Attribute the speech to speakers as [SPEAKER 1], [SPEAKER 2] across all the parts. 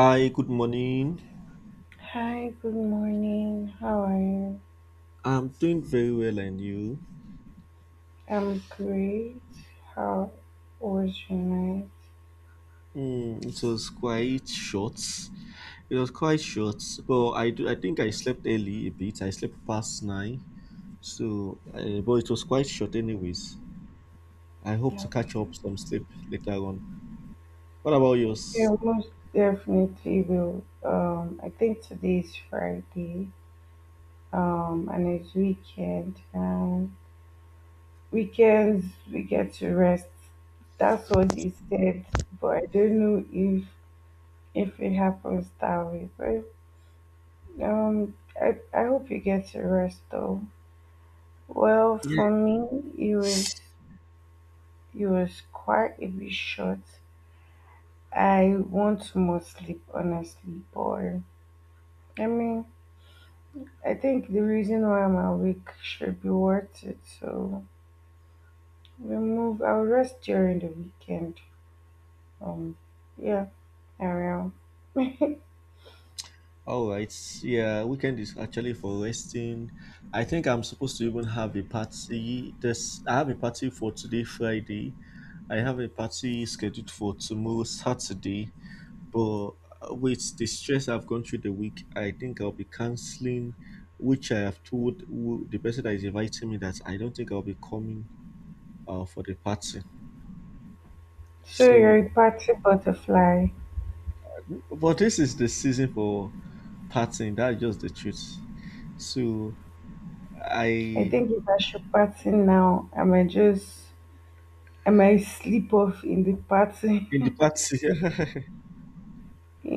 [SPEAKER 1] Hi, good morning.
[SPEAKER 2] Hi, good morning. How are you?
[SPEAKER 1] I'm doing very well, and you?
[SPEAKER 2] I'm great. How was your night?
[SPEAKER 1] It was quite short. It was quite short, but I do. I think I slept early a bit. I slept past nine, so but it was quite short, anyways. I hope to catch up
[SPEAKER 2] Okay.
[SPEAKER 1] some sleep later on. What about yours?
[SPEAKER 2] Yeah, most definitely will. I think today is Friday. And it's weekend. And weekends we get to rest. That's what they said. But I don't know if it happens that way. But I hope you get to rest though. Well,
[SPEAKER 1] Yeah.
[SPEAKER 2] for me, it was. He was quite a bit short. I want more sleep, honestly, but I mean, I think the reason why I'm awake should be worth it. So we move. I'll rest during the weekend. Um, yeah, I will.
[SPEAKER 1] All right. Yeah, weekend is actually for resting. I think I'm supposed to even have a party. This I have a party for today, Friday. I have a party scheduled for tomorrow, Saturday, but with the stress I've gone through the week, I think I'll be canceling, which I have told the person that is inviting me that I don't think I'll be coming for the party.
[SPEAKER 2] So you're
[SPEAKER 1] So,
[SPEAKER 2] a party butterfly.
[SPEAKER 1] but this is the season for partying. That's just the truth. So I
[SPEAKER 2] I
[SPEAKER 1] in
[SPEAKER 2] think if I should party now, I might sleep off in the party.
[SPEAKER 1] the party.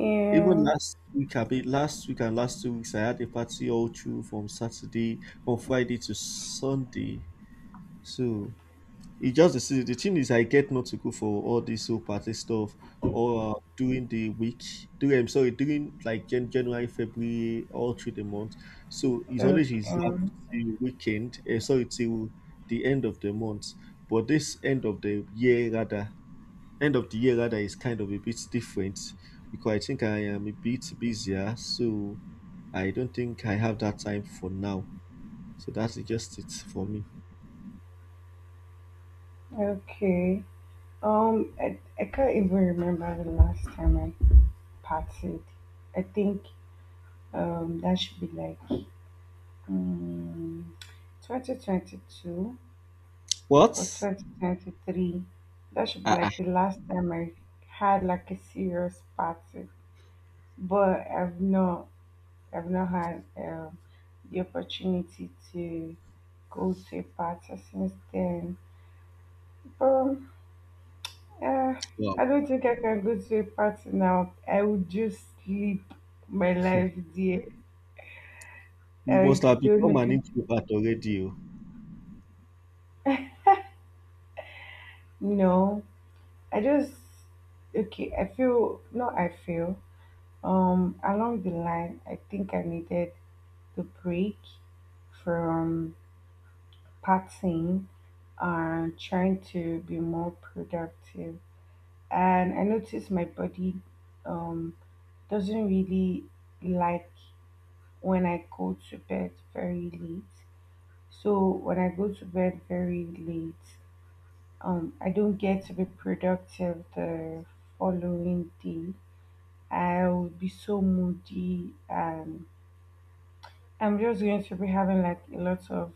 [SPEAKER 1] Even last week, I be last week and last 2 weeks I had a party all through from Friday to Sunday. So it's just the thing is I get not to go for all this whole party stuff or during the week. During like January, February, all through the month. So it's always reserved
[SPEAKER 2] Okay.
[SPEAKER 1] the weekend. Sorry, till the end of the month. But this end of the year rather, end of the year rather is kind of a bit different because I think I am a bit busier. So I don't think I have that time for now. So that's just it for me.
[SPEAKER 2] Okay. I can't even remember the last time I partied. I think that should be like um, 2022 or
[SPEAKER 1] What?
[SPEAKER 2] 2023. That should be
[SPEAKER 1] Ah, ah.
[SPEAKER 2] like the last time I had like a serious party. But I've not had the opportunity to go to a party since then. But Uh,
[SPEAKER 1] Wow.
[SPEAKER 2] I don't think I can go to a party now. I would just sleep my life there.
[SPEAKER 1] You must
[SPEAKER 2] I
[SPEAKER 1] have
[SPEAKER 2] don't
[SPEAKER 1] become
[SPEAKER 2] know.
[SPEAKER 1] an introvert already. Oh.
[SPEAKER 2] No, I just okay. I feel no. I feel along the line. I think I needed the break from partying and trying to be more productive. And I noticed my body um doesn't really like when I go to bed very late. So when I go to bed very late, I don't get to be productive the following day. I will be so moody, and I'm just going to be having like a lot of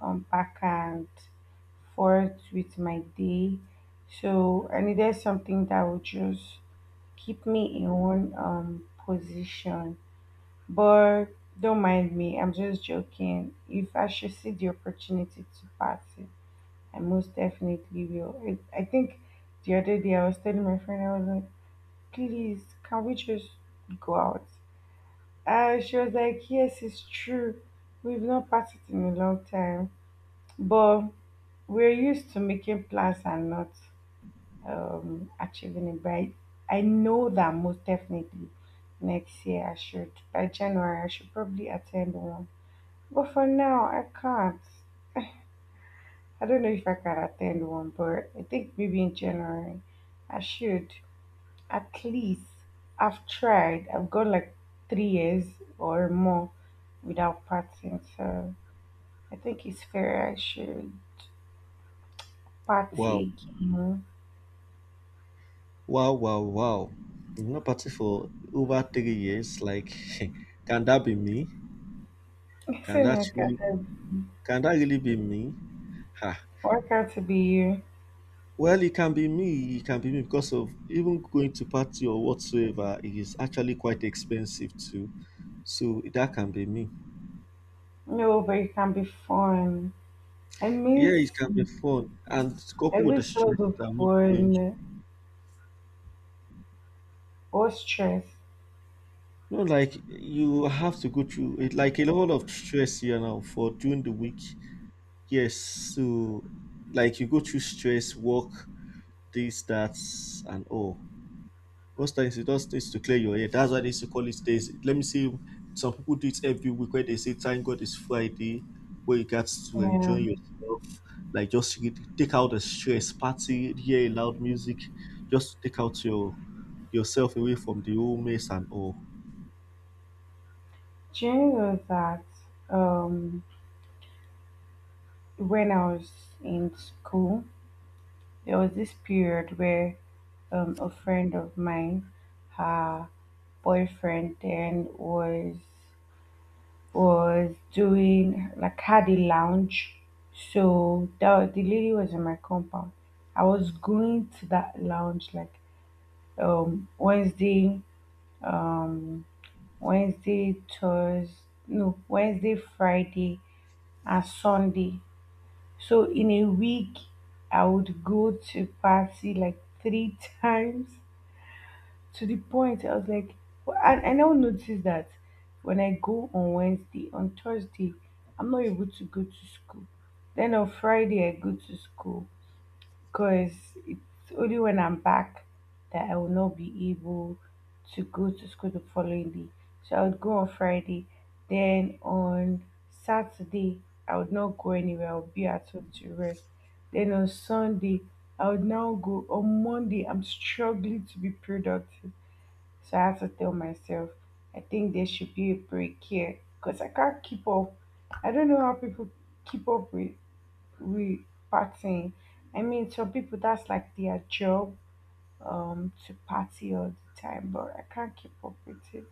[SPEAKER 2] back and forth with my day. So I needed something that would just keep me in one position. But don't mind me, I'm just joking. If I should see the opportunity to pass it, I most definitely will. I think the other day I was telling my friend, I was like, please, can we just go out? She was like, yes, it's true. We've not partied in a long time. But we're used to making plans and not achieving it. But I know that most definitely next year I should, by January, I should probably attend one. But for now, I can't. I don't know if I can attend one, but I think maybe in January I should. At least I've tried. I've gone like 3 years or more without partying, so I think it's fair I should
[SPEAKER 1] Wow.
[SPEAKER 2] party again.
[SPEAKER 1] Wow, wow, wow. You've not party for over 3 years. Like, can that be me?
[SPEAKER 2] It's
[SPEAKER 1] Can
[SPEAKER 2] an
[SPEAKER 1] that really can that really be me? Ha.
[SPEAKER 2] workout to be you.
[SPEAKER 1] Well, it can be me. It can be me because of even going to party or whatsoever it is actually quite expensive too. So that can be me.
[SPEAKER 2] No, but it can be fun. I
[SPEAKER 1] Yeah,
[SPEAKER 2] miss
[SPEAKER 1] it can be fun. And
[SPEAKER 2] I
[SPEAKER 1] coupled with the
[SPEAKER 2] miss all
[SPEAKER 1] stress
[SPEAKER 2] the
[SPEAKER 1] that I'm not going through.
[SPEAKER 2] fun or stress.
[SPEAKER 1] No, like you have to go through it, like a lot of stress here now for during the week. Yes, so like you go through stress, work, this, that, and all. Most times it just needs to clear your head. That's why they used to call it days. Let me see. Some people do it every week where they say, "Thank God it's Friday," where you got to enjoy
[SPEAKER 2] Um,
[SPEAKER 1] yourself. Like just take out the stress, party, hear loud music, just to take out yourself away from the whole mess and all.
[SPEAKER 2] do you know that um when I was in school, there was this period where a friend of mine, her boyfriend then was doing like had a lounge. So that the lady was in my compound. I was going to that lounge like Wednesday, um Wednesday, Thursday, no Wednesday, Friday, and Sunday. So in a week, I would go to party like three times, to the point I was like, well, I now notice that when I go on Wednesday, on Thursday, I'm not able to go to school. Then on Friday, I go to school because it's only when I'm back that I will not be able to go to school the following day. So I would go on Friday. Then on Saturday, I would not go anywhere. I would be at home to rest. Then on Sunday, I would now go on Monday. I'm struggling to be productive. So I have to tell myself, I think there should be a break here because I can't keep up. I don't know how people keep up with we partying. I mean, some people, that's like their job to party all the time, but I can't keep up with it.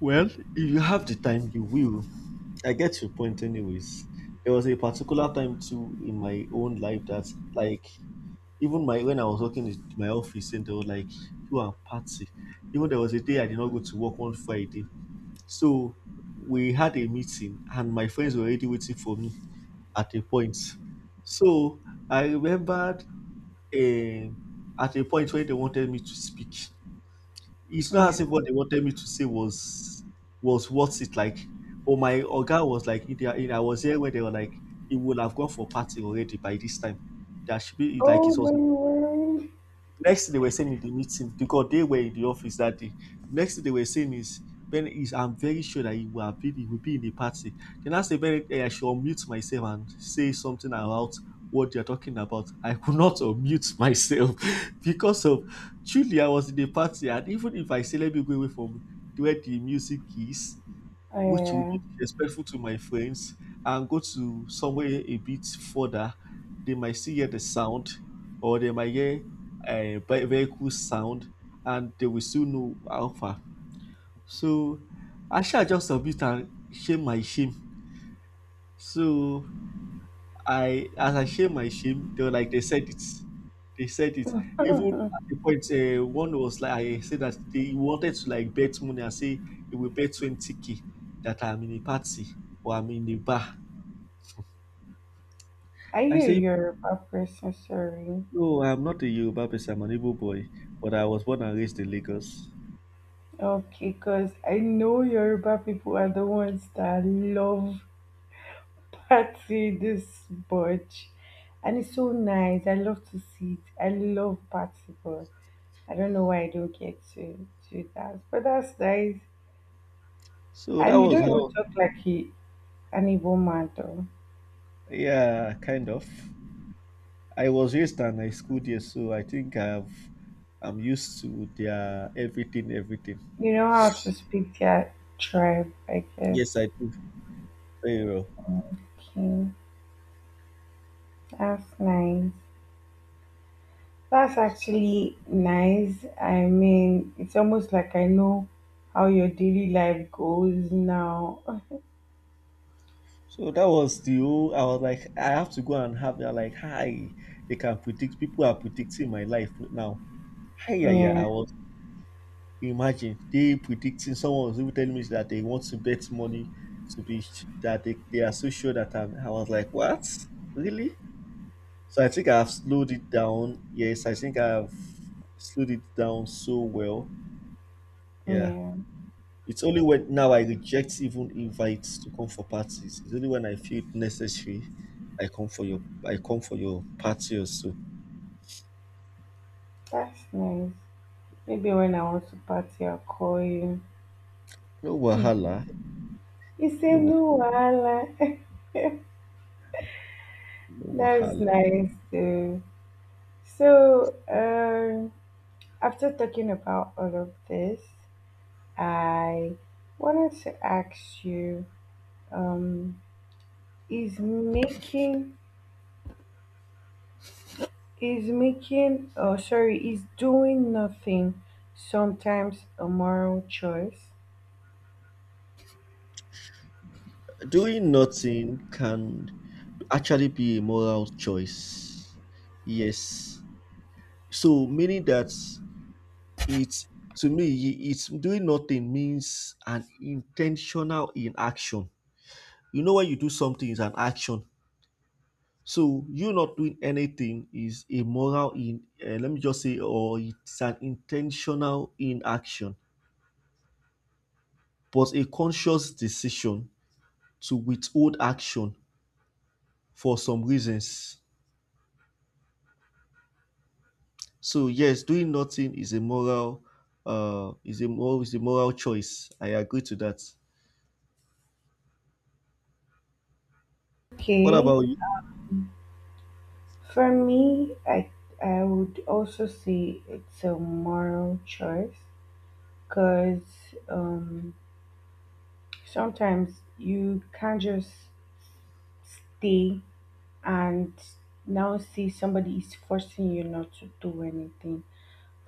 [SPEAKER 1] Well, if you have the time, you will. I get your point, anyways. There was a particular time too in my own life that, like, even my when I was working in my office, and they were like, "You are party." Even there was a day I did not go to work one Friday, so we had a meeting, and my friends were already waiting for me at a point. So I remembered eh, at a point where they wanted me to speak. It's not
[SPEAKER 2] Yeah.
[SPEAKER 1] as if what they wanted me to say was worth it. Like, oh, my Oga was like, I was here when they were like, it would have gone for party already by this time. There should be like
[SPEAKER 2] Oh
[SPEAKER 1] it
[SPEAKER 2] my
[SPEAKER 1] was
[SPEAKER 2] word.
[SPEAKER 1] Next thing they were saying in the meeting, because they were in the office that day, next thing they were saying is, Ben, is I'm very sure that he will be in the party. Then I said, Ben, eh, I should unmute myself and say something about what they're talking about. I could not unmute myself because of, truly, I was in the party. And even if I say, let me go away from where the music is, which would
[SPEAKER 2] Yeah.
[SPEAKER 1] be disrespectful to my friends, and go to somewhere a bit further, they might still hear the sound, or they might hear a vehicle sound, and they will still know how far. So I shall just submit and shame my shame. So I, as I share my shame, they were like they said it. They said it. Even at the point, one was like I said that they wanted to like bet money and say he will bet 20K that I'm in a party or I'm in the bar.
[SPEAKER 2] Are
[SPEAKER 1] I
[SPEAKER 2] you a
[SPEAKER 1] say
[SPEAKER 2] Yoruba person? Sorry.
[SPEAKER 1] no, I'm not a Yoruba person. I'm an Igbo boy, but I was born and raised in Lagos.
[SPEAKER 2] Okay, because I know Yoruba people are the ones that love party this much. And it's so nice. I love to see it. I love party, but I don't know why I don't get to do that. But that's nice.
[SPEAKER 1] So that
[SPEAKER 2] And you
[SPEAKER 1] was
[SPEAKER 2] don't even
[SPEAKER 1] how.
[SPEAKER 2] talk like he an Igbo man though.
[SPEAKER 1] Yeah, kind of. I was raised and I schooled here, so I think I'm used to their everything, everything.
[SPEAKER 2] You know how to speak their tribe, I guess.
[SPEAKER 1] Yes, I do very well.
[SPEAKER 2] Okay. That's nice. That's actually nice. I mean, it's almost like I know how your daily life goes now.
[SPEAKER 1] So that was the whole. I was like, I have to go and have that. Like, hi, they can predict. People are predicting my life now. Hi, yeah, yeah.
[SPEAKER 2] Yeah,
[SPEAKER 1] I was imagine they predicting. Someone was even telling me that they want to bet money to be that they are so sure that I'm. I was like, what? Really? So I think I've slowed it down. Yes, I think I've slowed it down so well. Yeah.
[SPEAKER 2] yeah.
[SPEAKER 1] It's only when now I reject even invites to come for parties. It's only when I feel it necessary I come for your party or so.
[SPEAKER 2] That's nice. Maybe when I want to party, I'll call you.
[SPEAKER 1] No wahala,
[SPEAKER 2] It's a
[SPEAKER 1] no wa-
[SPEAKER 2] new one.
[SPEAKER 1] no
[SPEAKER 2] That's
[SPEAKER 1] wahala.
[SPEAKER 2] nice too. So, after talking about all of this, I wanted to ask you, um, is making is making oh sorry, is doing nothing sometimes a moral choice?
[SPEAKER 1] Doing nothing can actually be a moral choice. Yes. So meaning that it's, to me, it's doing nothing means an intentional inaction. You know, when you do something is an action. So you not doing anything is a moral in, let me just say, or it's an intentional inaction, but a conscious decision to withhold action for some reasons. So yes, doing nothing is a moral, is a moral is a moral choice. I agree to that. What
[SPEAKER 2] Okay.
[SPEAKER 1] about you?
[SPEAKER 2] For me, I would also say it's a moral choice because um, sometimes you can't just stay and now see somebody is forcing you not to do anything.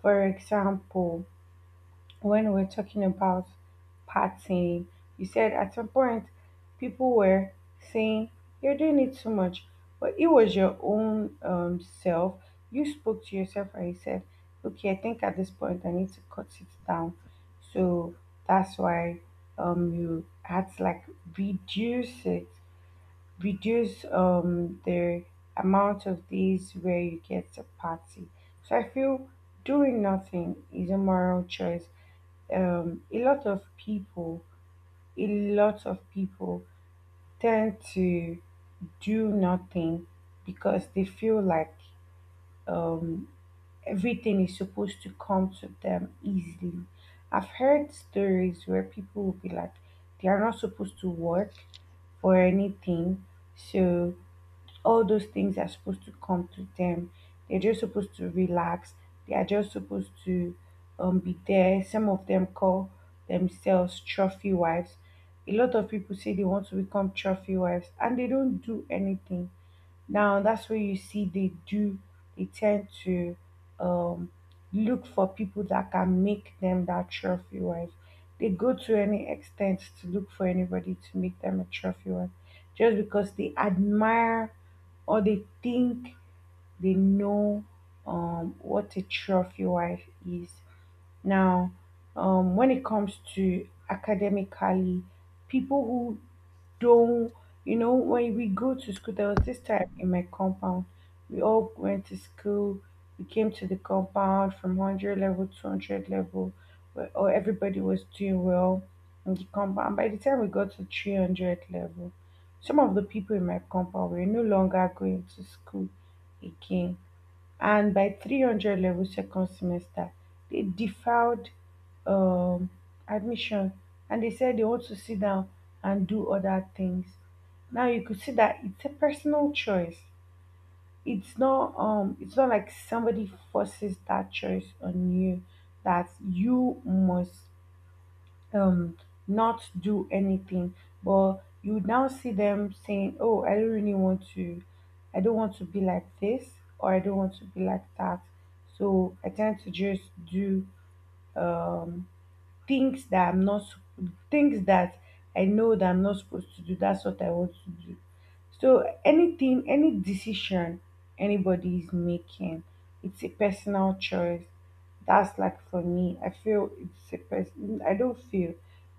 [SPEAKER 2] For example, when we're talking about partying, you said at some point people were saying you're doing it too much, but it was your own self. You spoke to yourself and you said, "Okay, I think at this point I need to cut it down." So that's why you had to like reduce it reduce the amount of days where you get to party. So I feel doing nothing is a moral choice. Um, a lot of people, a lot of people tend to do nothing because they feel like um, everything is supposed to come to them easily. I've heard stories where people will be like, they are not supposed to work for anything. So all those things are supposed to come to them. They're just supposed to relax. They are just supposed to be there. Some of them call themselves trophy wives. A lot of people say they want to become trophy wives and they don't do anything. Now, that's where you see they tend to um, look for people that can make them that trophy wife. They go to any extent to look for anybody to make them a trophy wife just because they admire or they think they know what a trophy wife is. Now, when it comes to academically, people who though, you know, when we go to school, there was this time in my compound. We all went to school. We came to the compound from 100 level to 200 level, where everybody was doing well in the compound. By the time we got to 300 level, some of the people in my compound were no longer going to school again, and by 300 level second semester they deferred um, admission and they said they want to sit down and do other things. Now you could see that it's a personal choice. It's not it's not like somebody forces that choice on you that you must um not do anything. But you now see them saying, oh, I don't want to be like this, or I don't want to be like that. So I tend to just do um things that I know that I'm not supposed to do. That's what I want to do. So anything, any decision anybody is making, it's a personal choice. That's like for me. I feel it's a person. I don't feel,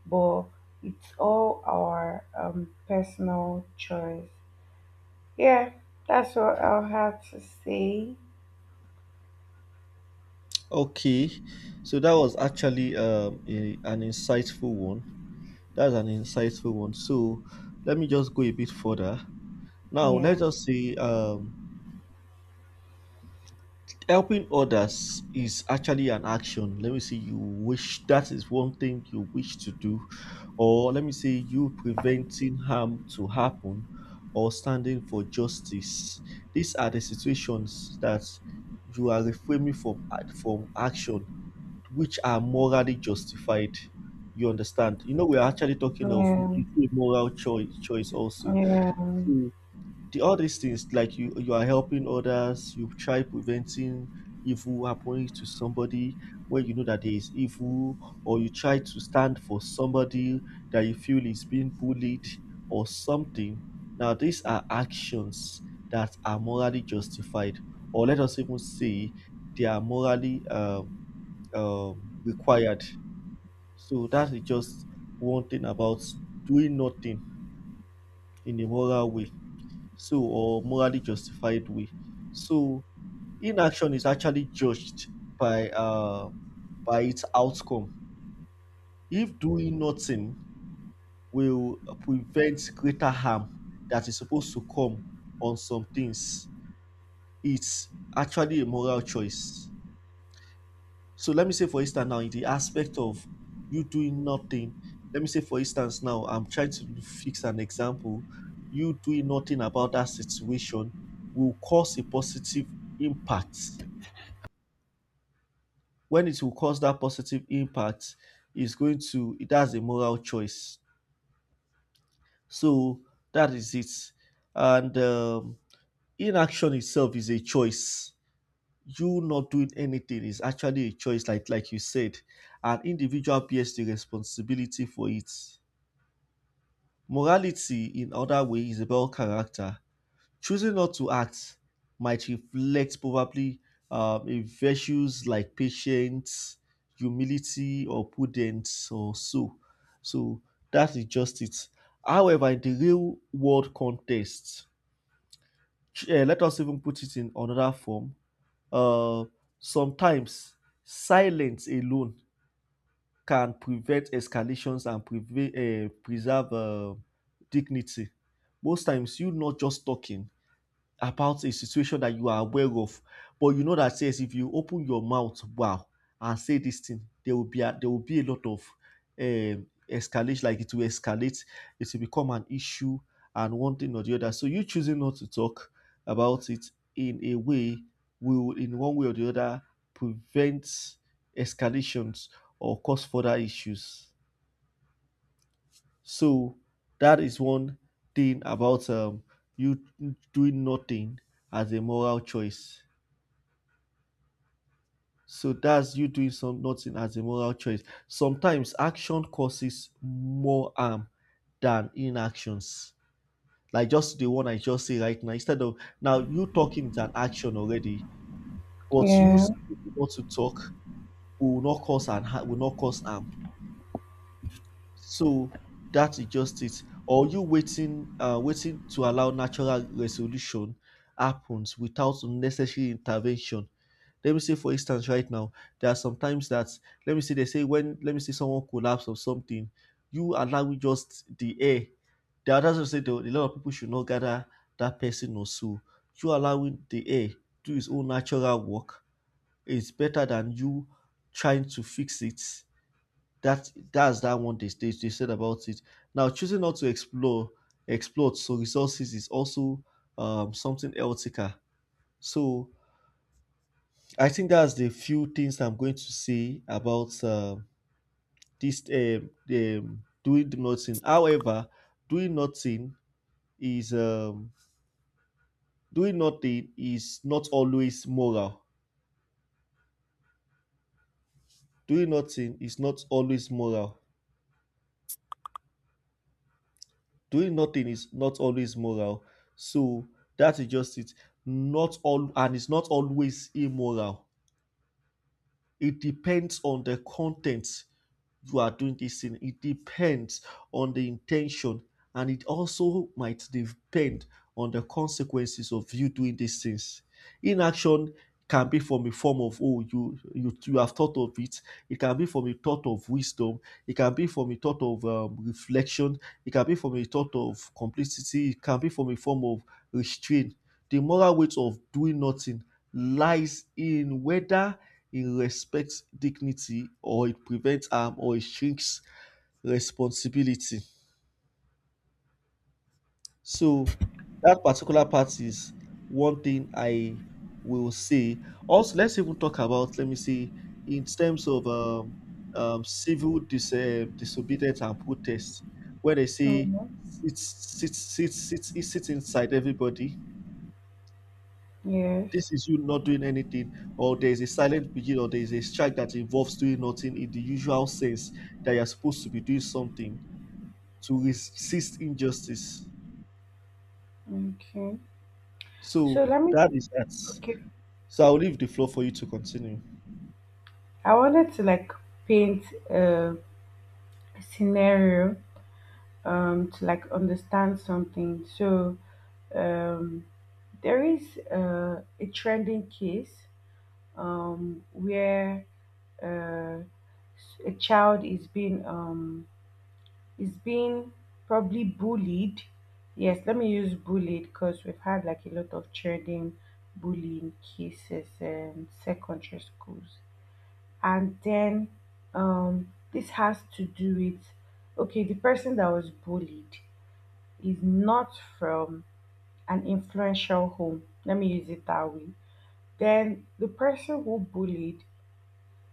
[SPEAKER 2] but it's all our personal choice. Yeah, that's what I'll have to say.
[SPEAKER 1] Okay, so that was actually a, an insightful one. That's an insightful one. So let me just go a bit further. Now, let us
[SPEAKER 2] Yeah,
[SPEAKER 1] just say helping others is actually an action. Let me say you wish that is one thing you wish to do, or let me say you preventing harm to happen, or standing for justice. These are the situations that you are reframing from action, which are morally justified. You understand? You know, we are actually talking of
[SPEAKER 2] yeah,
[SPEAKER 1] it's a moral choice, choice also.
[SPEAKER 2] yeah,
[SPEAKER 1] So the all these things like you are helping others, you try preventing evil happening to somebody when you know that there is evil, or you try to stand for somebody that you feel is being bullied or something. Now these are actions that are morally justified, or let us even say they are morally required. So that is just one thing about doing nothing in a moral way, so or morally justified way. So inaction is actually judged by uh, by its outcome. If doing nothing will prevent greater harm that is supposed to come on some things, it's actually a moral choice. So let me say, for instance, now in the aspect of you doing nothing, let me say, for instance, now I'm trying to fix an example. You doing nothing about that situation will cause a positive impact. When it will cause that positive impact, is going to it has a moral choice. So that is it. And inaction itself is a choice. You not doing anything is actually a choice, like you said, an individual bears the responsibility for it. Morality, in other way, is about character. Choosing not to act might reflect probably a virtues like patience, humility, or prudence, or so. So that is just it. However, in the real world context, let us even put it in another form, um sometimes silence alone can prevent escalations and preserve dignity. Most times you not just talking about a situation that you are aware of, but you know that says if you open your mouth, wow, and say this thing, there will be there will be a lot of escalation. Like it will escalate, it will become an issue, and one thing or the other. So you choosing not to talk about it in a way will, in one way or the other, prevent escalations or cause further issues. So that is one thing about you doing nothing as a moral choice. So that's you doing some nothing as a moral choice. Sometimes action causes more harm than inactions. Like just the one I just say right now. Instead of now you talking is an action already, but you
[SPEAKER 2] yeah,
[SPEAKER 1] still want to talk will not cause and will not cause harm. So that is just it. Or you waiting, waiting to allow natural resolution happens without unnecessary intervention. Let me say, for instance, right now, there are sometimes that let me say they say when let me say someone collapse or something, you allowing just the air. The others will say a lot of people should not gather that person or so. You allowing the air do its own natural work is better than you trying to fix it that that's that one they said about it. Now choosing not to explore exploit so resources is also something ethical. So I think that's the few things I'm going to say about this doing nothing. However, doing nothing is um, doing nothing is not always moral. Doing nothing is not always moral. Doing nothing is not always moral. So that is just it. Not all and it's not always immoral. It depends on the content you are doing this in. It depends on the intention, and it also might depend on the consequences of you doing these things. Inaction can be from a form of oh you have thought of it. It can be from a thought of wisdom. It can be from a thought of reflection. It can be from a thought of complicity. It can be from a form of restraint. The moral weight of doing nothing lies in whether it respects dignity or it prevents harm or it shrinks responsibility. So that particular part is one thing I will say. Also, let's even talk about, let me see, in terms of disobedience and protest, where they say
[SPEAKER 2] yeah.
[SPEAKER 1] sit, sit, sit, sit inside everybody.
[SPEAKER 2] Yes.
[SPEAKER 1] This is you not doing anything, or there is a silent period, or there is a strike that involves doing nothing in the usual sense that you're supposed to be doing something to resist injustice.
[SPEAKER 2] Okay. So
[SPEAKER 1] So
[SPEAKER 2] let me
[SPEAKER 1] that is that.
[SPEAKER 2] okay.
[SPEAKER 1] So I'll leave the floor for you to continue.
[SPEAKER 2] I wanted to like paint a scenario to like understand something. So um there is a trending case um where uh a child is being is being probably bullied. Yes, let me use bullied because we've had like a lot of trending bullying cases in secondary schools. And then this has to do with, okay, the person that was bullied is not from an influential home, let me use it that way. Then the person who bullied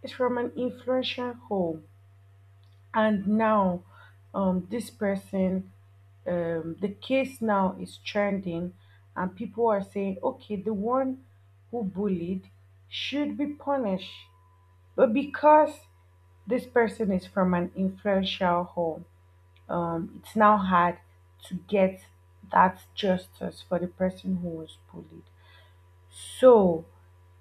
[SPEAKER 2] is from an influential home. And now this person, the case now is trending and people are saying, okay, the one who bullied should be punished. But because this person is from an influential home, it's now hard to get that justice for the person who was bullied. So,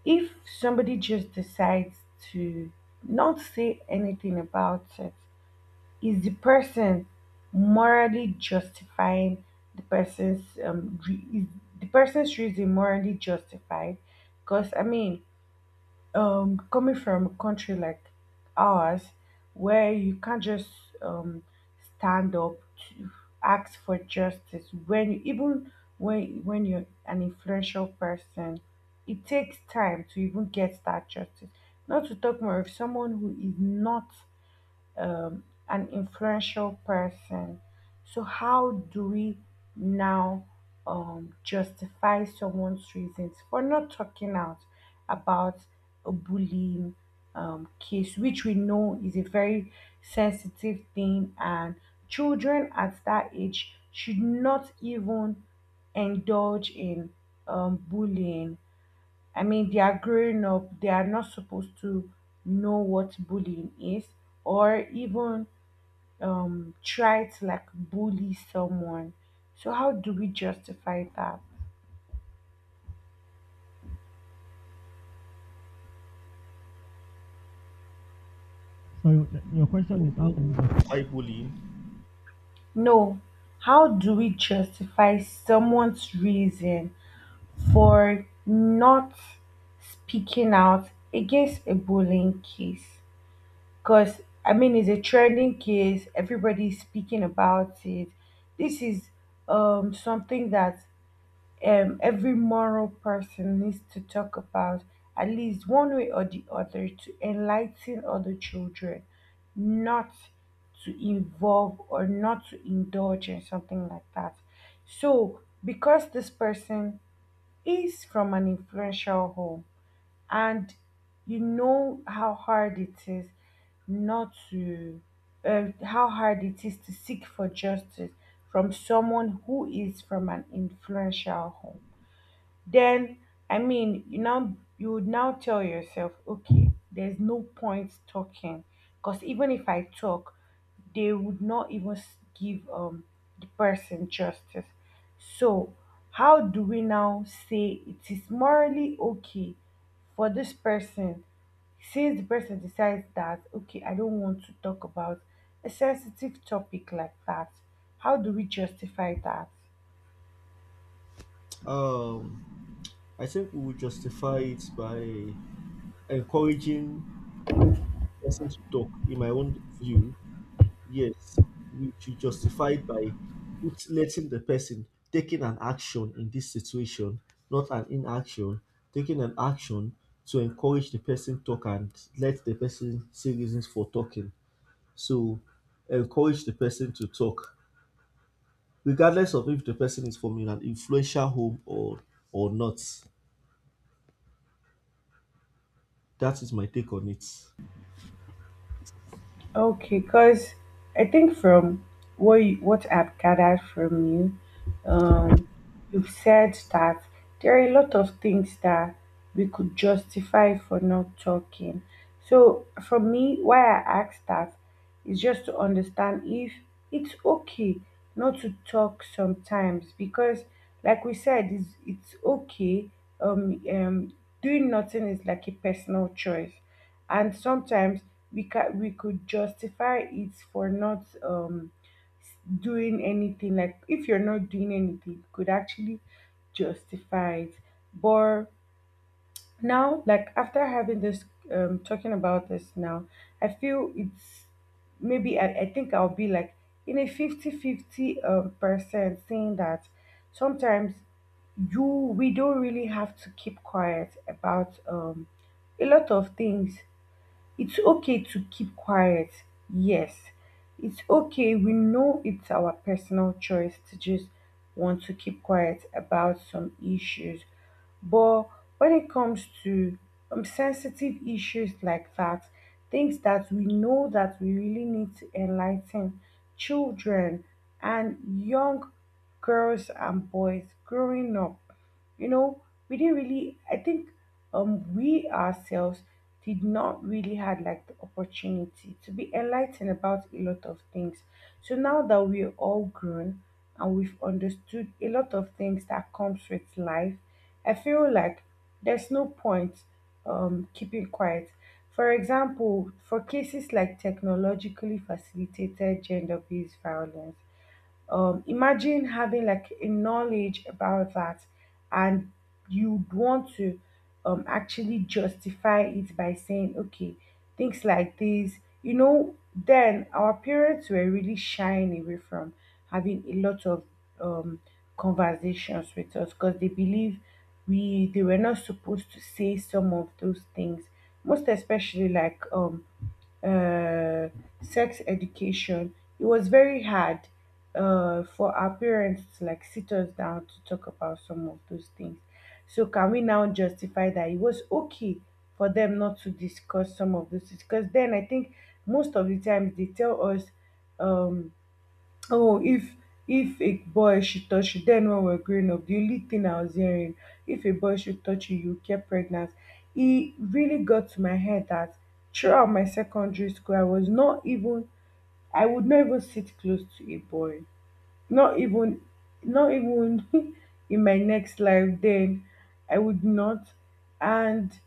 [SPEAKER 2] if somebody just decides to not say anything about it, is morally justifying the person's re- is the person's reason morally justified? Because I mean, coming from a country like ours where you can't just um stand up to ask for justice when you even when you're an influential person, it takes time to even get that justice, not to talk more of someone who is not an influential person. So, how do we now justify someone's reasons for not talking out about a bullying case, which we know is a very sensitive thing, and children at that age should not even indulge in bullying. I mean, they are growing up, they are not supposed to know what bullying is or even try to like bully someone. So, how do we justify that?
[SPEAKER 1] So your question is how do we justify? Hi, bullying.
[SPEAKER 2] No, how do we justify someone's reason for not speaking out against a bullying case? Because, I mean, it's a trending case, everybody's speaking about it. This is something that every moral person needs to talk about, at least one way or the other, to enlighten other children, not to involve or not to indulge in something like that. So, because this person is from an influential home and you know how hard it is not to how hard it is to seek for justice from someone who is from an influential home, then I mean, you now, you would now tell yourself, okay, there's no point talking, because even if I talk, they would not even give the person justice. So how do we now say it is morally okay for this person, since the person decides that okay, I don't want to talk about a sensitive topic like that? How do we justify that?
[SPEAKER 1] Um, I think we will justify it by encouraging person to talk. In my own view, yes, which you justified by letting the person taking an action in this situation, not an inaction, taking an action to encourage the person talk and let the person say reasons for talking. So encourage the person to talk, regardless of if the person is from in an influential home or not. That is my take on it.
[SPEAKER 2] Okay, because I think from what I've gathered from you, you've said that there are a lot of things that we could justify for not talking. So for me, why I asked that is just to understand if it's okay not to talk sometimes because, like we said, it's okay. Um, um, doing nothing is like a personal choice, and sometimes we could justify it for not doing anything. Like, if you're not doing anything, you could actually justify it. But now, like, after having this talking about this now, I feel it's maybe I think I'll be like in a 50 50 percent, saying that sometimes you we don't really have to keep quiet about a lot of things. It's okay to keep quiet. Yes, it's okay. We know it's our personal choice to just want to keep quiet about some issues. But when it comes to sensitive issues like that, things that we know that we really need to enlighten children and young girls and boys growing up, you know, we didn't really, I think we ourselves did not really had like the opportunity to be enlightened about a lot of things. So now that we're all grown and we've understood a lot of things that comes with life, I feel like there's no point keeping quiet. For example, for cases like technologically facilitated gender-based violence, imagine having like a knowledge about that, and you'd want to actually justify it by saying, okay, things like this, you know, then our parents were really shying away from having a lot of um, conversations with us because they believe we they were not supposed to say some of those things, most especially like uh, sex education. It was very hard for our parents to like sit us down to talk about some of those things. So can we now justify that it was okay for them not to discuss some of those things? Because then I think most of the times they tell us, um, oh, if a boy should touch you, then when we we're growing up, the only thing I was hearing, if a boy should touch you, you get pregnant. It really got to my head that throughout my secondary school, I would not even sit close to a boy. Not even, not even in my next life. Then I would not, and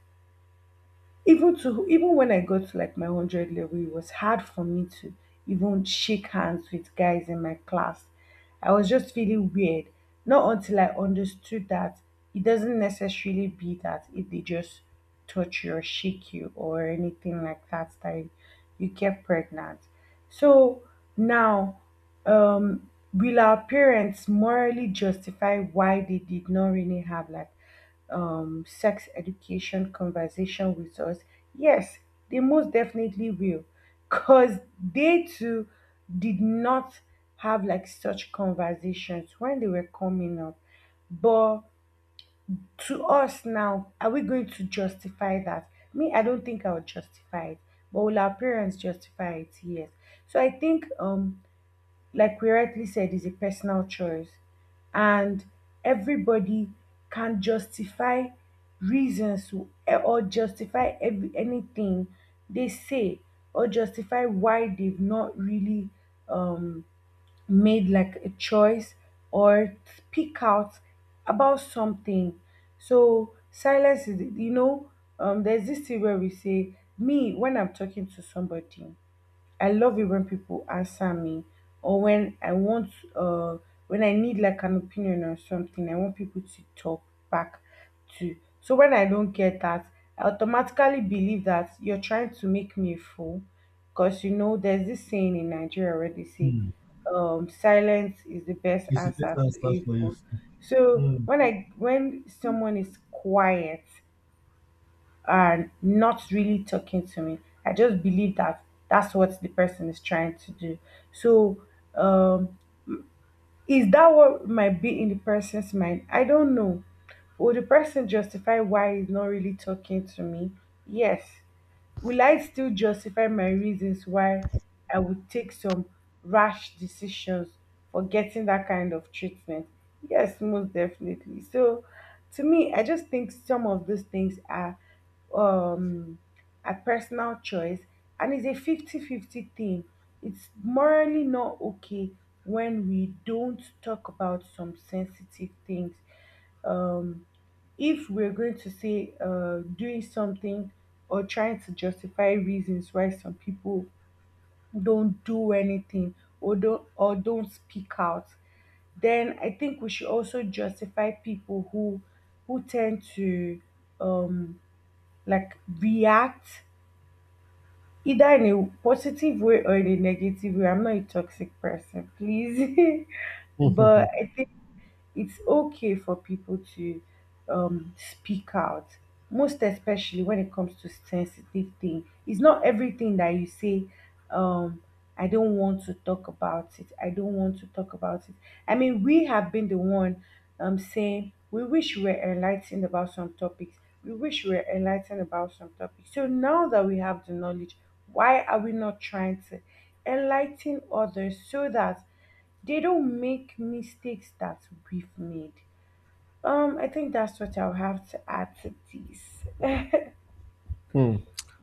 [SPEAKER 2] even to even when I got to like my 100 level, it was hard for me to even shake hands with guys in my class. I was just feeling weird. Not until I understood that it doesn't necessarily be that if they just touch you or shake you or anything like that, that you get pregnant. So now, will our parents morally justify why they did not really have like sex education conversation with us? Yes, they most definitely will, because they too did not have like such conversations when they were coming up. But to us now, are we going to justify that? Me, I don't think I would justify it, but will our parents justify it? Yes. So I think like we rightly said, is a personal choice. And everybody can justify reasons to- or justify anything they say, or justify why they've not really um, made like a choice or speak out about something. So silence is, you know, there's this thing where we say, me, when I'm talking to somebody, I love it when people answer me, or when I want when I need like an opinion on something, I want people to talk back to. So when I don't get that, I automatically believe that you're trying to make me a fool. Because you know there's this saying in Nigeria where they say
[SPEAKER 1] Hmm.
[SPEAKER 2] silence is the best
[SPEAKER 1] It's the best
[SPEAKER 2] answer to
[SPEAKER 1] answer
[SPEAKER 2] a
[SPEAKER 1] for you.
[SPEAKER 2] fool. So
[SPEAKER 1] Hmm.
[SPEAKER 2] when someone is quiet, are not really talking to me, I just believe that that's what the person is trying to do. So, um, is that what might be in the person's mind? I don't know. Will the person justify why he's not really talking to me? Yes. Will I still justify my reasons why I would take some rash decisions for getting that kind of treatment? Yes, most definitely. So, to me, I just think some of those things are um a personal choice, and it's a 50-50 thing. It's morally not okay when we don't talk about some sensitive things. Um if we're going to say, doing something or trying to justify reasons why some people don't do anything, or don't speak out, then I think we should also justify people who tend to um like react either in a positive way or in a negative way. I'm not a toxic person, please. But I it's okay for people to speak out, most especially when it comes to sensitive thing. It's not everything that you say, um, I don't want to talk about it. I don't want to talk about it. I mean, we have been the one saying we wish we were enlightened about some topics. We wish we were enlightened about some topics. So now that we have the knowledge, why are we not trying to enlighten others so that they don't make mistakes that we've made. I think that's what I'll have to add to this.
[SPEAKER 1] Hmm.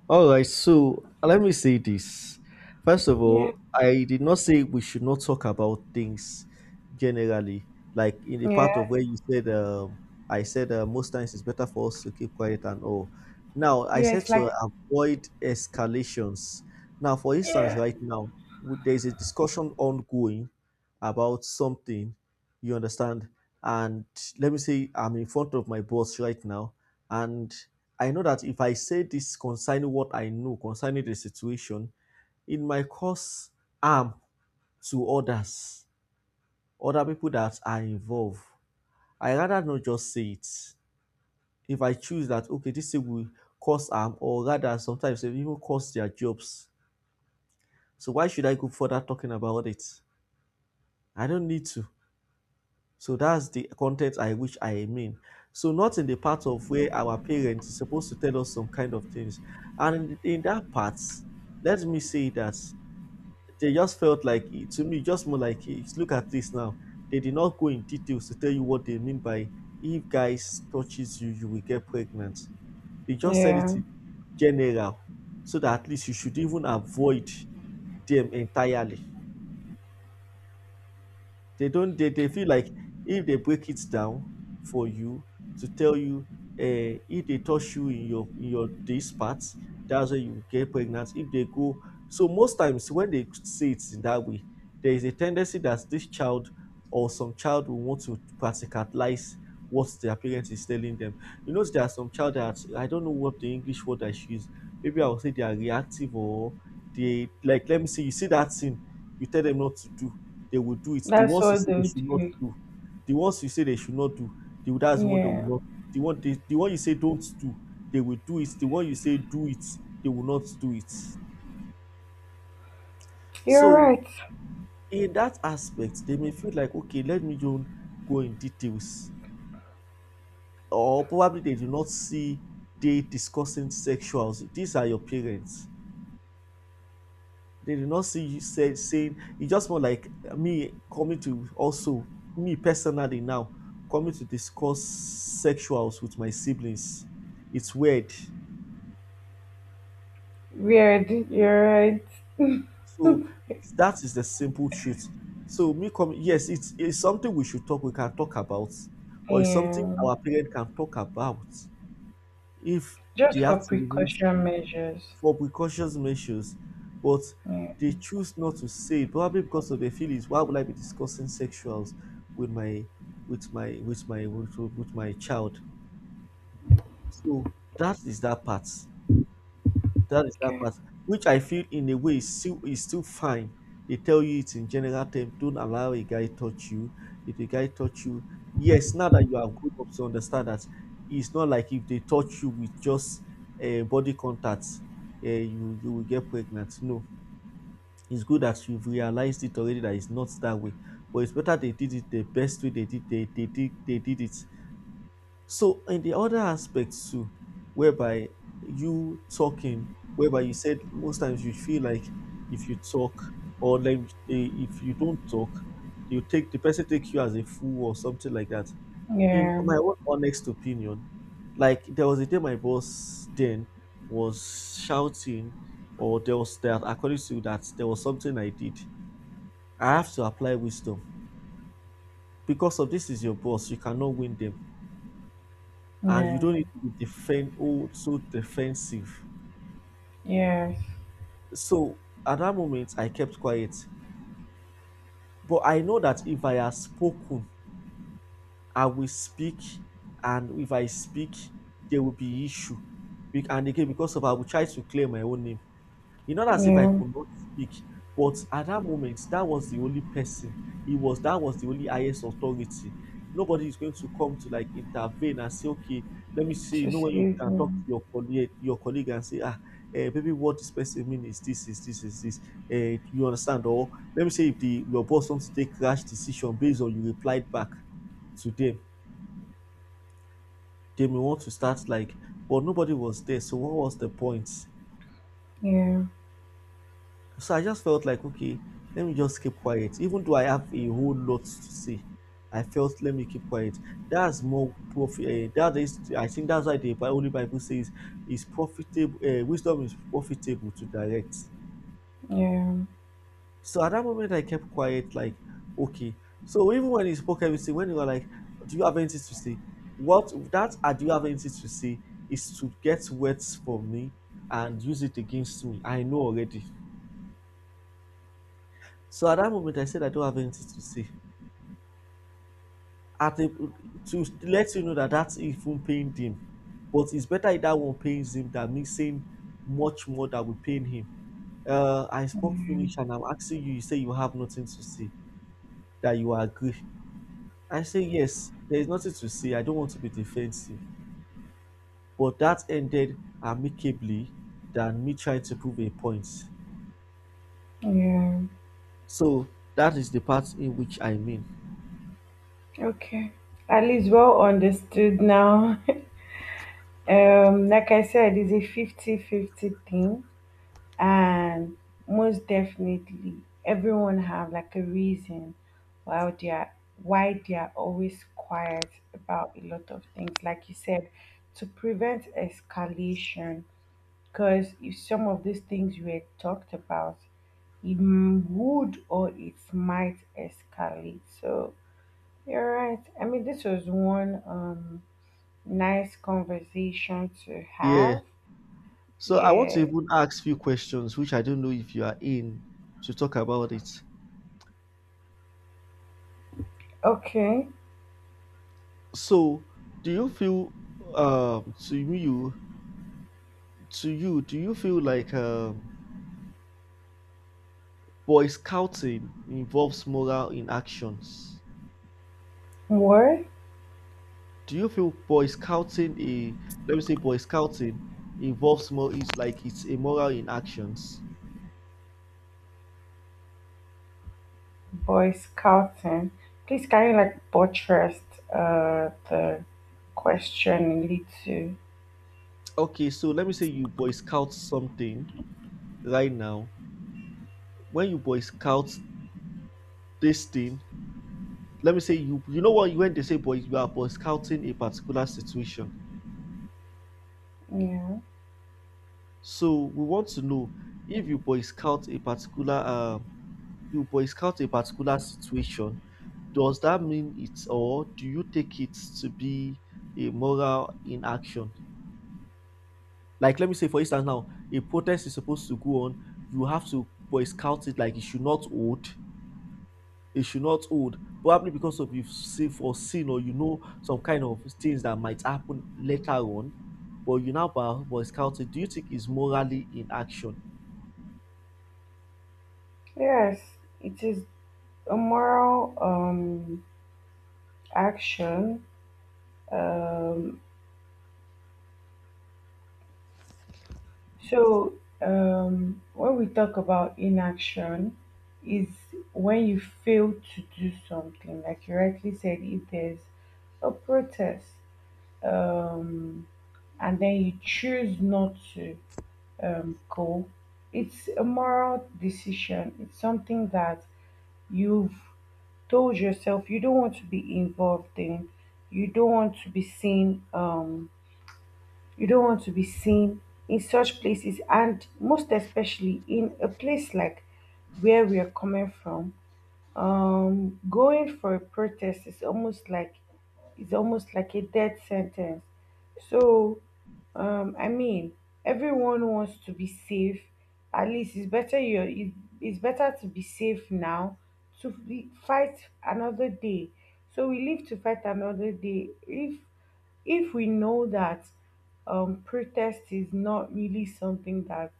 [SPEAKER 1] All right. So let me say this. First of
[SPEAKER 2] Yeah,
[SPEAKER 1] all, I did not say we should not talk about things generally. Like in the part of
[SPEAKER 2] yeah,
[SPEAKER 1] where you said, I said most times it's better for us to keep quiet and all. Now I
[SPEAKER 2] yeah.
[SPEAKER 1] said
[SPEAKER 2] It's like
[SPEAKER 1] to avoid escalations. Now, for instance,
[SPEAKER 2] yeah,
[SPEAKER 1] right now there is a discussion ongoing about something. You understand? And let me say I'm in front of my boss right now, and I know that if I say this concerning what I know concerning the situation, it might cause harm to others, other people that are involved. I rather not just say it. If I choose that, okay, this thing will cause harm, or rather, sometimes it will even cost their jobs. So why should I go further talking about it? I don't need to. So that's the content I which I mean. So not in the part of where our parents is supposed to tell us some kind of things, and in that part, let me say that they just felt like to me just more like, "Hey, look at this now." They did not go in details to tell you what they mean by if guys touches you, you will get pregnant. They just said it
[SPEAKER 2] yeah.
[SPEAKER 1] in general, so that at least you should even avoid them entirely. They don't. They feel like if they break it down for you to tell you, if they touch you in your this part, that's when you get pregnant. If they go, so most times when they say it in that way, there is a tendency that this child or some child will want to practicalize what their parents is telling them. You know, there are some child that I don't know what the English word I should use. Maybe I will say they are reactive or they like. Let me see. You see that thing you tell them not to do they will do it. The
[SPEAKER 2] That's
[SPEAKER 1] ones you
[SPEAKER 2] all
[SPEAKER 1] say they
[SPEAKER 2] they'll
[SPEAKER 1] should not
[SPEAKER 2] do.
[SPEAKER 1] do, the ones you say they should not do, they will, that's the one they will
[SPEAKER 2] Yeah,
[SPEAKER 1] not. The one you say don't do, they will do it. The one you say do it, they will not do it.
[SPEAKER 2] you're
[SPEAKER 1] So
[SPEAKER 2] right.
[SPEAKER 1] in that aspect, they may feel like okay, let me don't go in details, or probably they do not see they discussing sexuals. These are your parents. They did not see you said saying it's just more like me coming to also me personally now coming to discuss sexuals with my siblings. It's weird.
[SPEAKER 2] Weird. You're right.
[SPEAKER 1] So that is the simple truth. So me coming yes, it's something we should talk we can talk about or it's something
[SPEAKER 2] Yeah,
[SPEAKER 1] our parent can talk about if they
[SPEAKER 2] just for
[SPEAKER 1] have to remove
[SPEAKER 2] precaution measures.
[SPEAKER 1] for precautions measures, but
[SPEAKER 2] Yeah.
[SPEAKER 1] they choose not to say it, probably because of their feelings. Why would I be discussing sexuals with my with my child? So that is that part. That is that
[SPEAKER 2] Okay.
[SPEAKER 1] part, which I feel in a way is still fine. They tell you it's in general terms. Don't allow a guy touch you. If a guy touch you, yes, now that you have grown up to understand that it's not like if they touch you with just body contact, you you will get pregnant. No, it's good that you've realized it already that it's not that way, but it's better they did it the best way they did they did it. So in the other aspects too, whereby you talking, whereby you said most times you feel like if you talk or like eh, if you don't talk, you take the person take you as a fool or something like that. In
[SPEAKER 2] Yeah.
[SPEAKER 1] my own honest opinion, like there was a day my boss then was shouting or there was that according to that there was something I did I have to apply wisdom because of this is your boss. You cannot win them, and you don't
[SPEAKER 2] Yeah.
[SPEAKER 1] need to be defend oh so defensive.
[SPEAKER 2] Yes.
[SPEAKER 1] So at that moment, I kept quiet. But I know that if I had spoken, I will speak, and if I speak, there will be issue. And again, because of I will try to clear my own name. It's not as if I
[SPEAKER 2] Yeah.
[SPEAKER 1] could not speak, but at that moment, that was the only person. It was that was the only highest authority. Nobody is going to come to like intervene and say, okay, let me see. You
[SPEAKER 2] To
[SPEAKER 1] know when you
[SPEAKER 2] save
[SPEAKER 1] can talk to
[SPEAKER 2] them.
[SPEAKER 1] your colleague and say, ah, eh, maybe what this person mean is this, is this, is this. Eh, you understand? Or let me say if the your boss wants to take rash decision based on you replied back to them, they may want to start like, but nobody was there. So what was the point?
[SPEAKER 2] Yeah.
[SPEAKER 1] So I just felt like, okay, let me just keep quiet. Even though I have a whole lot to say, I felt let me keep quiet. That's more profit. That is, I think that's why the Holy Bible says, "Is profitable. Wisdom is profitable to direct."
[SPEAKER 2] Yeah.
[SPEAKER 1] So at that moment, I kept quiet. Like, okay. So even when he spoke everything, when you were like, "Do you have anything to say?" What that? Do you have anything to say? Is to get words from me and use it against me. I know already. So at that moment, I said I don't have anything to say. At a, to let you know that that's even paying him. But it's better if that one pays him than me saying much more that we paying him. I
[SPEAKER 2] Yeah.
[SPEAKER 1] spoke Finnish and I'm asking you, you say you have nothing to say, that you agree. I say, yes, there is nothing to say. I don't want to be defensive. But that ended amicably than me trying to prove a point.
[SPEAKER 2] Yeah.
[SPEAKER 1] So that is the part in which I mean.
[SPEAKER 2] Okay. At least well understood now. Like I said, it's a 50-50 thing, and most definitely everyone have like a reason why they are why they are always quiet about a lot of things. Like you said, to prevent escalation, because if some of these things were talked about, it m- would or it might escalate. So you're right. I mean, this was one. Nice conversation to
[SPEAKER 1] Yeah.
[SPEAKER 2] have.
[SPEAKER 1] So I want to
[SPEAKER 2] Yeah.
[SPEAKER 1] even ask few questions which I don't know if you are in to talk about it.
[SPEAKER 2] Okay.
[SPEAKER 1] So, do you feel to you do you feel like Boy Scouting involves moral in actions?
[SPEAKER 2] Word.
[SPEAKER 1] Do you feel Boy Scouting a let me say Boy Scouting involves more is like it's a moral in actions?
[SPEAKER 2] Boy Scouting. Please, can you like buttress the question a little?
[SPEAKER 1] Okay, so let me say you Boy Scout something right now. When you Boy Scout this thing, let me say you you know what when they say Boy, you are Boy Scouting a particular situation.
[SPEAKER 2] Yeah.
[SPEAKER 1] So we want to know if you boy scout a particular you boy scout a particular situation, does that mean it's or do you take it to be a moral inaction? Like let me say for instance now, a protest is supposed to go on, you have to boy scout it like it should not hold, it should not hold. Probably because of you've seen foreseen or you know some kind of things that might happen later on, but you now boy scout it. Do you think it's morally inaction?
[SPEAKER 2] Yes, it is a moral action. Um so when we talk about inaction is when you fail to do something. Like you rightly said, if there's a protest, um, and then you choose not to, go, it's a moral decision. It's something that you've told yourself you don't want to be involved in. You don't want to be seen. You don't want to be seen in such places, and most especially in a place like where we are coming from, going for a protest is almost like, it's almost like a death sentence. So I mean, everyone wants to be safe. At least it's better to be safe now to fight another day. So we live to fight another day. If we know that protest is not really something that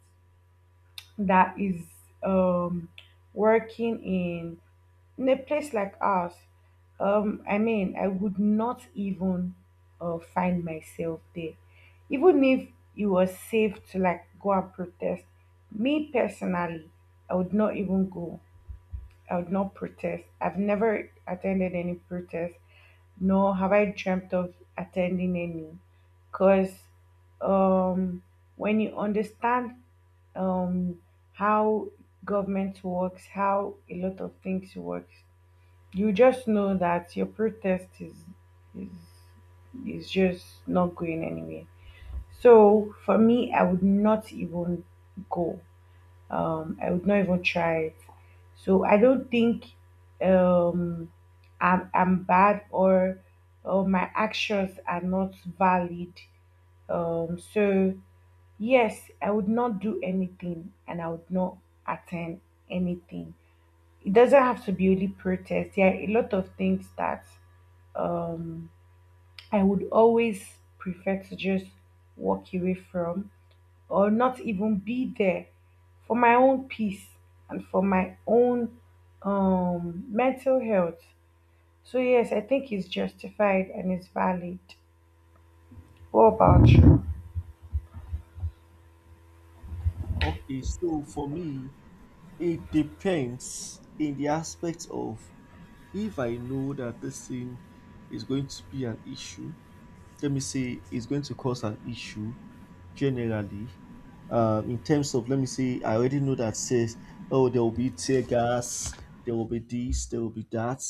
[SPEAKER 2] is um, working in a place like ours, I mean, I would not even find myself there. Even if it was safe to like go and protest, me personally, I would not even go. I would not protest. I've never attended any protest, nor have I dreamt of attending any. Because um, when you understand um, how government works, how a lot of things works, you just know that your protest is is is just not going anywhere. So for me, I would not even go, I would not even try it. So I don't think um I'm bad or my actions are not valid. um so yes, I would not do anything, and I would not attend anything. It doesn't have to be only protest. There are a lot of things that um I would always prefer to just walk away from, or not even be there, for my own peace and for my own mental health. So, yes, I think it's justified and it's valid. What about you?
[SPEAKER 1] Okay, so for me, it depends in the aspect of if I know that this thing is going to be an issue, let me say it's going to cause an issue generally. In terms of, let me say, I already know that says, oh, there will be tear gas, there will be this, there will be that,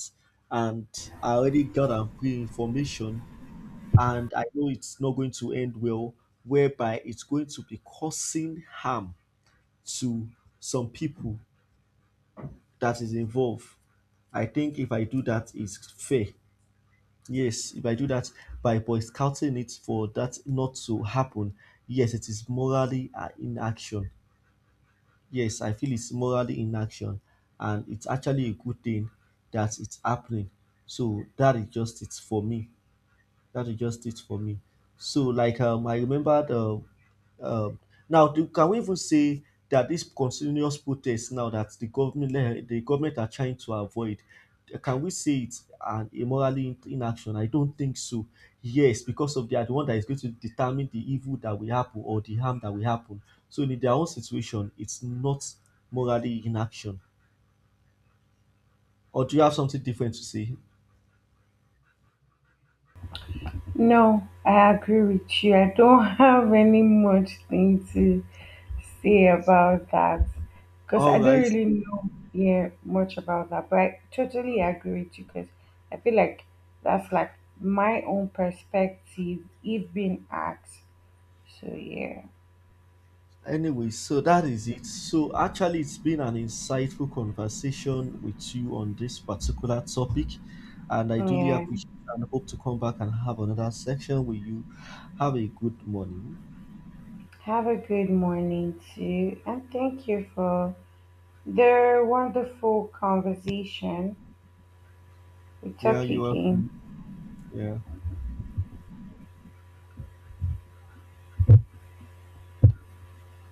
[SPEAKER 1] and I already got and pre information, and I know it's not going to end well, whereby it's going to be causing harm to some people that is involved. I think if I do that, it's fair. Yes, if I do that by boycotting it for that not to happen, yes, it is morally inaction. Yes, I feel it's morally inaction, and it's actually a good thing that it's happening. So that is just it for me. That is just it for me. So like I remembered um, now do, can we even say that this continuous protest now that the government the government are trying to avoid can we say it's an immorally inaction? I don't think so. Yes, because of they are the one that is going to determine the evil that will happen or the harm that will happen, so in their own situation it's not morally inaction. Or do you have something different to say?
[SPEAKER 2] No, I agree with you. I don't have any much thing to say about that, because I
[SPEAKER 1] All
[SPEAKER 2] don't
[SPEAKER 1] right.
[SPEAKER 2] really know yeah much about that. But I totally agree with you because I feel like that's like my own perspective if being asked. So yeah,
[SPEAKER 1] Anyway, so that is it. So actually, it's been an insightful conversation with you on this particular topic, and I really
[SPEAKER 2] yeah.
[SPEAKER 1] appreciate and hope to come back and have another section with you. Have a good morning.
[SPEAKER 2] Have a good morning too, and thank you for the wonderful conversation. We
[SPEAKER 1] Yeah,
[SPEAKER 2] talk
[SPEAKER 1] you are.
[SPEAKER 2] again.
[SPEAKER 1] Yeah.